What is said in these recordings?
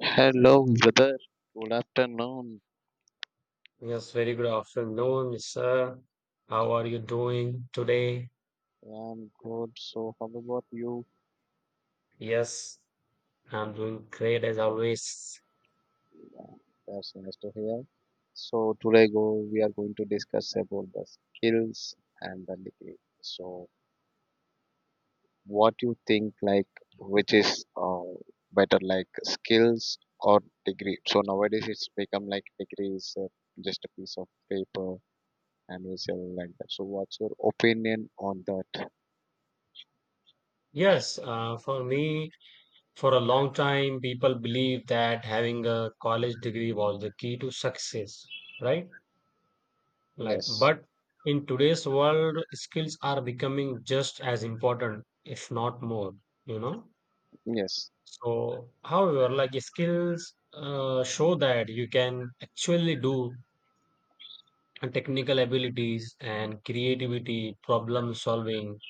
Hello, brother. Good afternoon. Yes, very good afternoon, sir. How are you doing today? I'm good. So, how about you? Yes, I'm doing great as always. Yeah, that's nice to hear. So, today go we are going to discuss about the skills and the degree. So, what you think like which is better, like skills or degree? So nowadays it's become like degree is just a piece of paper and we sell like that. So, what's your opinion on that? Yes, for me, for a long time, people believe that having a college degree was the key to success, right? Like, Yes, but in today's world, skills are becoming just as important, if not more, you know? yes, So, however, like skills show that you can actually do and technical abilities and creativity, problem solving,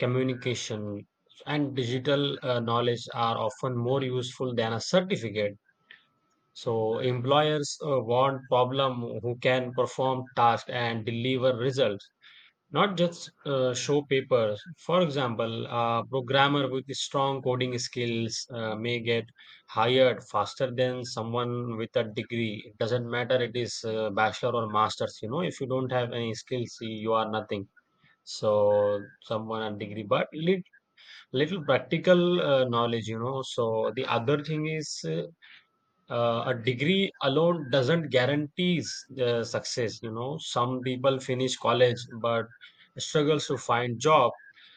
communication, and digital knowledge are often more useful than a certificate. So, employers want problem who can perform tasks and deliver results, not just show papers. For example, a programmer with strong coding skills may get hired faster than someone with a degree. It doesn't matter it is bachelor or master's. You know, if you don't have any skills, you are nothing. So someone a degree, but little practical knowledge. You know, so the other thing is a degree alone doesn't guarantees success. You know, some people finish college but struggles to find job,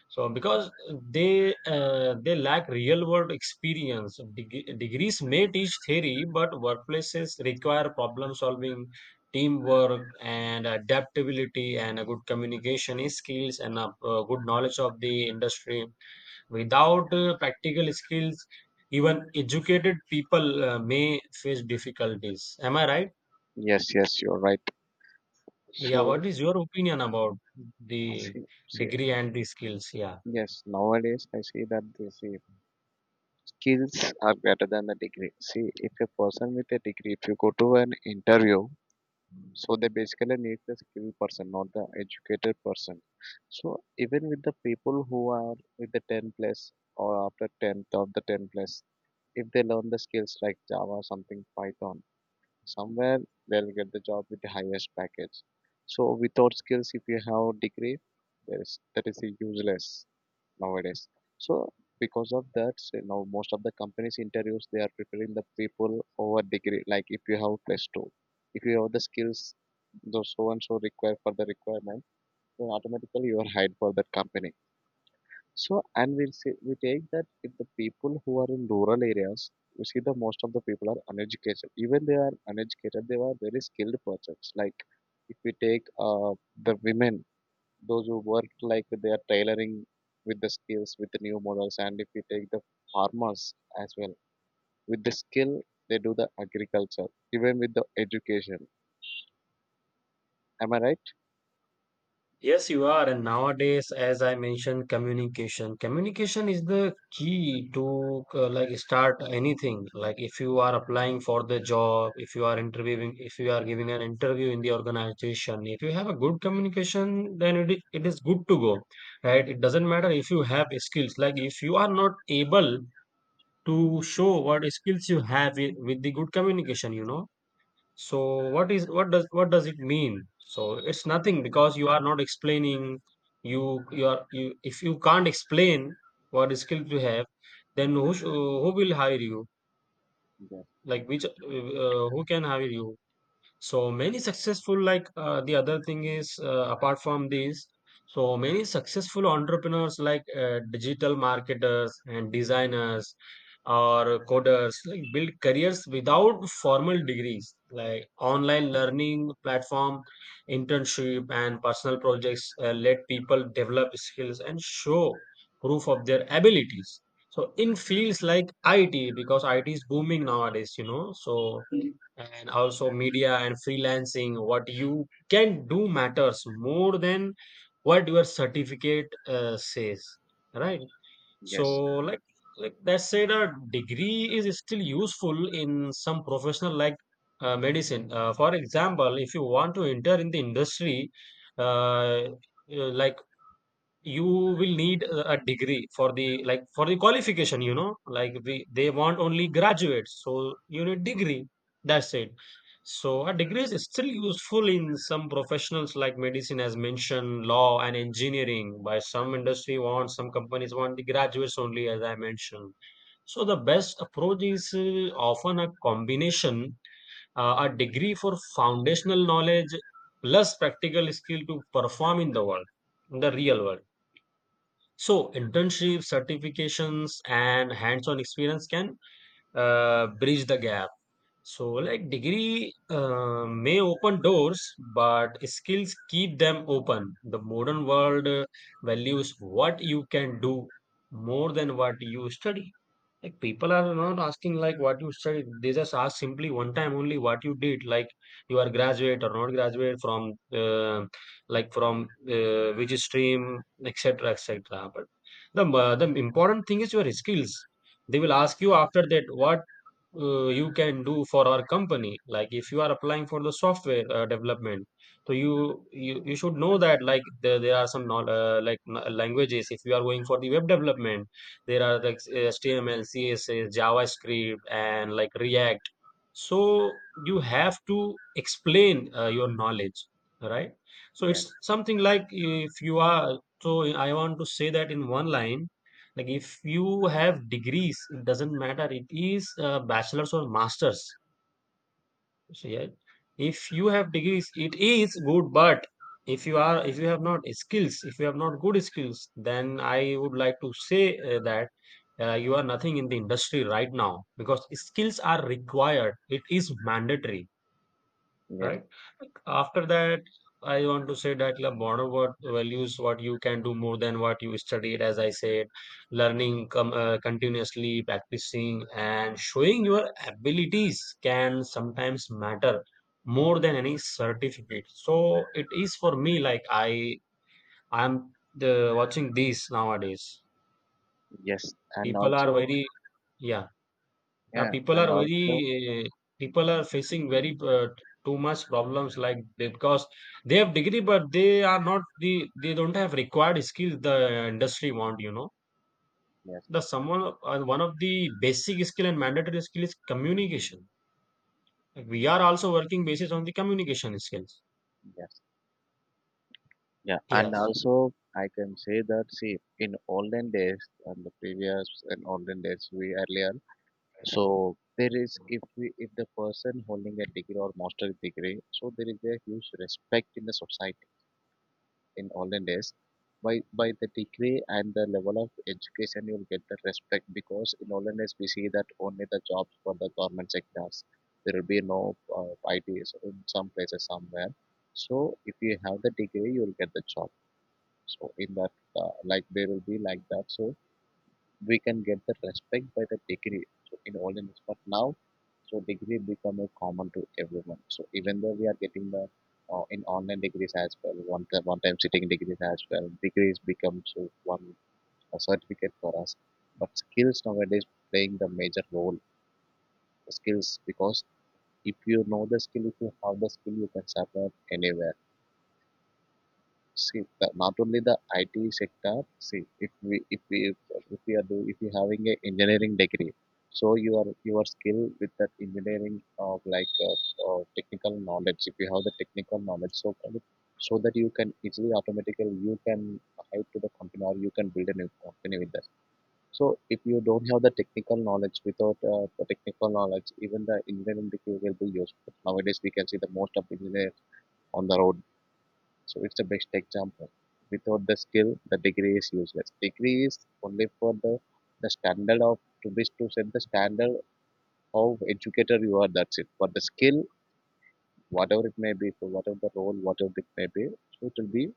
so because they lack real world experience. Degrees may teach theory, but workplaces require problem solving, teamwork and adaptability, and a good communication skills, and a good knowledge of the industry. Without practical skills, even educated people may face difficulties. Am I right? yes. You're right. Yeah, So. what is your opinion about the See, see, degree and the skills? Yeah. yes, nowadays I see that they see skills are better than the degree. See, if a person with a degree, if you go to an interview, so they basically need the skilled person, not the educated person. So even with the people who are with the 10 plus or after 10th of the 10 plus, if they learn the skills like Java, something Python, somewhere they'll get the job with the highest package. So without skills, if you have degree, there is that is useless nowadays. So because of that, so now most of the companies interviews they are preparing the people over degree. Like if you have plus two, if you have the skills, those so and so require for the requirement, then automatically you are hired for that company. So, and we'll see, we take that if the people who are in rural areas, we see the most of the people are uneducated. Even they are uneducated, they are very skilled persons. Like if we take the women, those who work like they are tailoring with the skills, with the new models, and if we take the farmers as well, with the skill, they do the agriculture, even with the education. Am I right? Yes, you are. And nowadays, as I mentioned, communication. Communication is the key to like start anything. Like if you are applying for the job, if you are interviewing, if you are giving an interview in the organization, if you have a good communication, then it is good to go, right? It doesn't matter if you have skills. Like if you are not able to show what skills you have with the good communication, you know, so what is what does it mean? So it's nothing because you are not explaining. You if you can't explain what skills you have, then who will hire you? Yes, Like which who can hire you? So many successful, like the other thing is, apart from these, so many successful entrepreneurs like digital marketers and designers or coders like build careers without formal degrees, like online learning platform, internship, and personal projects let people develop skills and show proof of their abilities. So in fields like IT, because IT is booming nowadays, you know, so and also media and freelancing, what you can do matters more than what your certificate says, right? So yes, like like that said, a degree is still useful in some professional like medicine. For example, if you want to enter in the industry, uh, like you will need a degree for the, like for the qualification. You know, like we, they want only graduates, so you need degree, that's it. So a degree is still useful in some professionals like medicine, as mentioned, law and engineering. By some industry want, some companies want the graduates only, as I mentioned. So the best approach is often a combination. A degree for foundational knowledge plus practical skill to perform in the world, in the real world. So, internships, certifications, and hands on experience can bridge the gap. So, like degree may open doors, but skills keep them open. The modern world values what you can do more than what you study. Like people are not asking like what you studied. They just ask simply one time only what you did. Like you are graduate or not graduate from like from which stream, etc., etc. But the important thing is your skills. They will ask you after that what you can do for our company. Like if you are applying for the software development, so you should know that like there are some not, like languages. If you are going for the web development, there are like html, css, javascript, and like react. So you have to explain your knowledge, right? So yes, it's something like, if you are, so I want to say that in one line, like if you have degrees, it doesn't matter it is bachelor's or master's. So yeah, if you have degrees it is good, but if you are, if you have not skills, if you have not good skills, then I would like to say that you are nothing in the industry right now, because skills are required, it is mandatory, yes, right? After that, I want to say that the modern world values what you can do more than what you studied, as I said. Learning continuously, practicing, and showing your abilities can sometimes matter more than any certificate. So it is for me like I'm the, watching these nowadays. yes, and People are also, very, yeah. Yeah, Yeah, people and are also, very, people are facing very too much problems, like they, because they have degree but they are not the, they don't have required skills the industry want, you know. yes, The someone one of the basic skill and mandatory skill is communication. Like, we are also working basis on the communication skills. yes. Yeah, and Yes. also I can say that, see, in olden days, and the previous and olden days we earlier so there is, if the person holding a degree or master degree, so there is a huge respect in the society in olden days. By the degree and the level of education you'll get the respect, because in olden days we see that only the jobs for the government sectors, there will be no ITs in some places somewhere. So if you have the degree you'll get the job. So in that, like they will be like that. So we can get the respect by the degree. So in all in but now, so degree become a common to everyone. So even though we are getting the in online degrees as well, one time sitting degrees as well, degrees become so one a certificate for us. But skills nowadays playing the major role. The skills, because if you know the skill, if you have the skill, you can survive anywhere. Not only the IT sector. See, if we if we if we are do if you having a engineering degree, so your skill with that engineering of like technical knowledge. If you have the technical knowledge, so that you can easily automatically you can help to the company or you can build a new company with that. So if you don't have the technical knowledge, without the technical knowledge, even the engineering degree will be useful. Nowadays, we can see the most of engineers on the road, so it's the best example. Without the skill, the degree is useless. Degree is only for the standard of to set the standard of educator you are. That's it. But the skill, whatever it may be, for whatever the role, whatever it may be, so it will be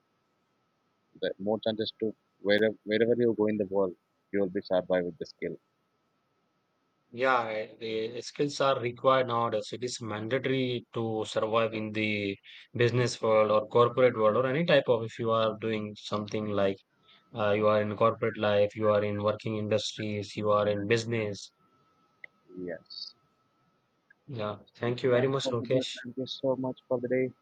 the more chances to wherever you go in the world, you will be survive with the skill. Yeah, I- the skills are required nowadays, it is mandatory to survive in the business world or corporate world or any type of, if you are doing something like you are in corporate life, you are in working industries, you are in business. Yes. Yeah. So Thank you very that's much, for the day. Lokesh. Thank you so much for the day.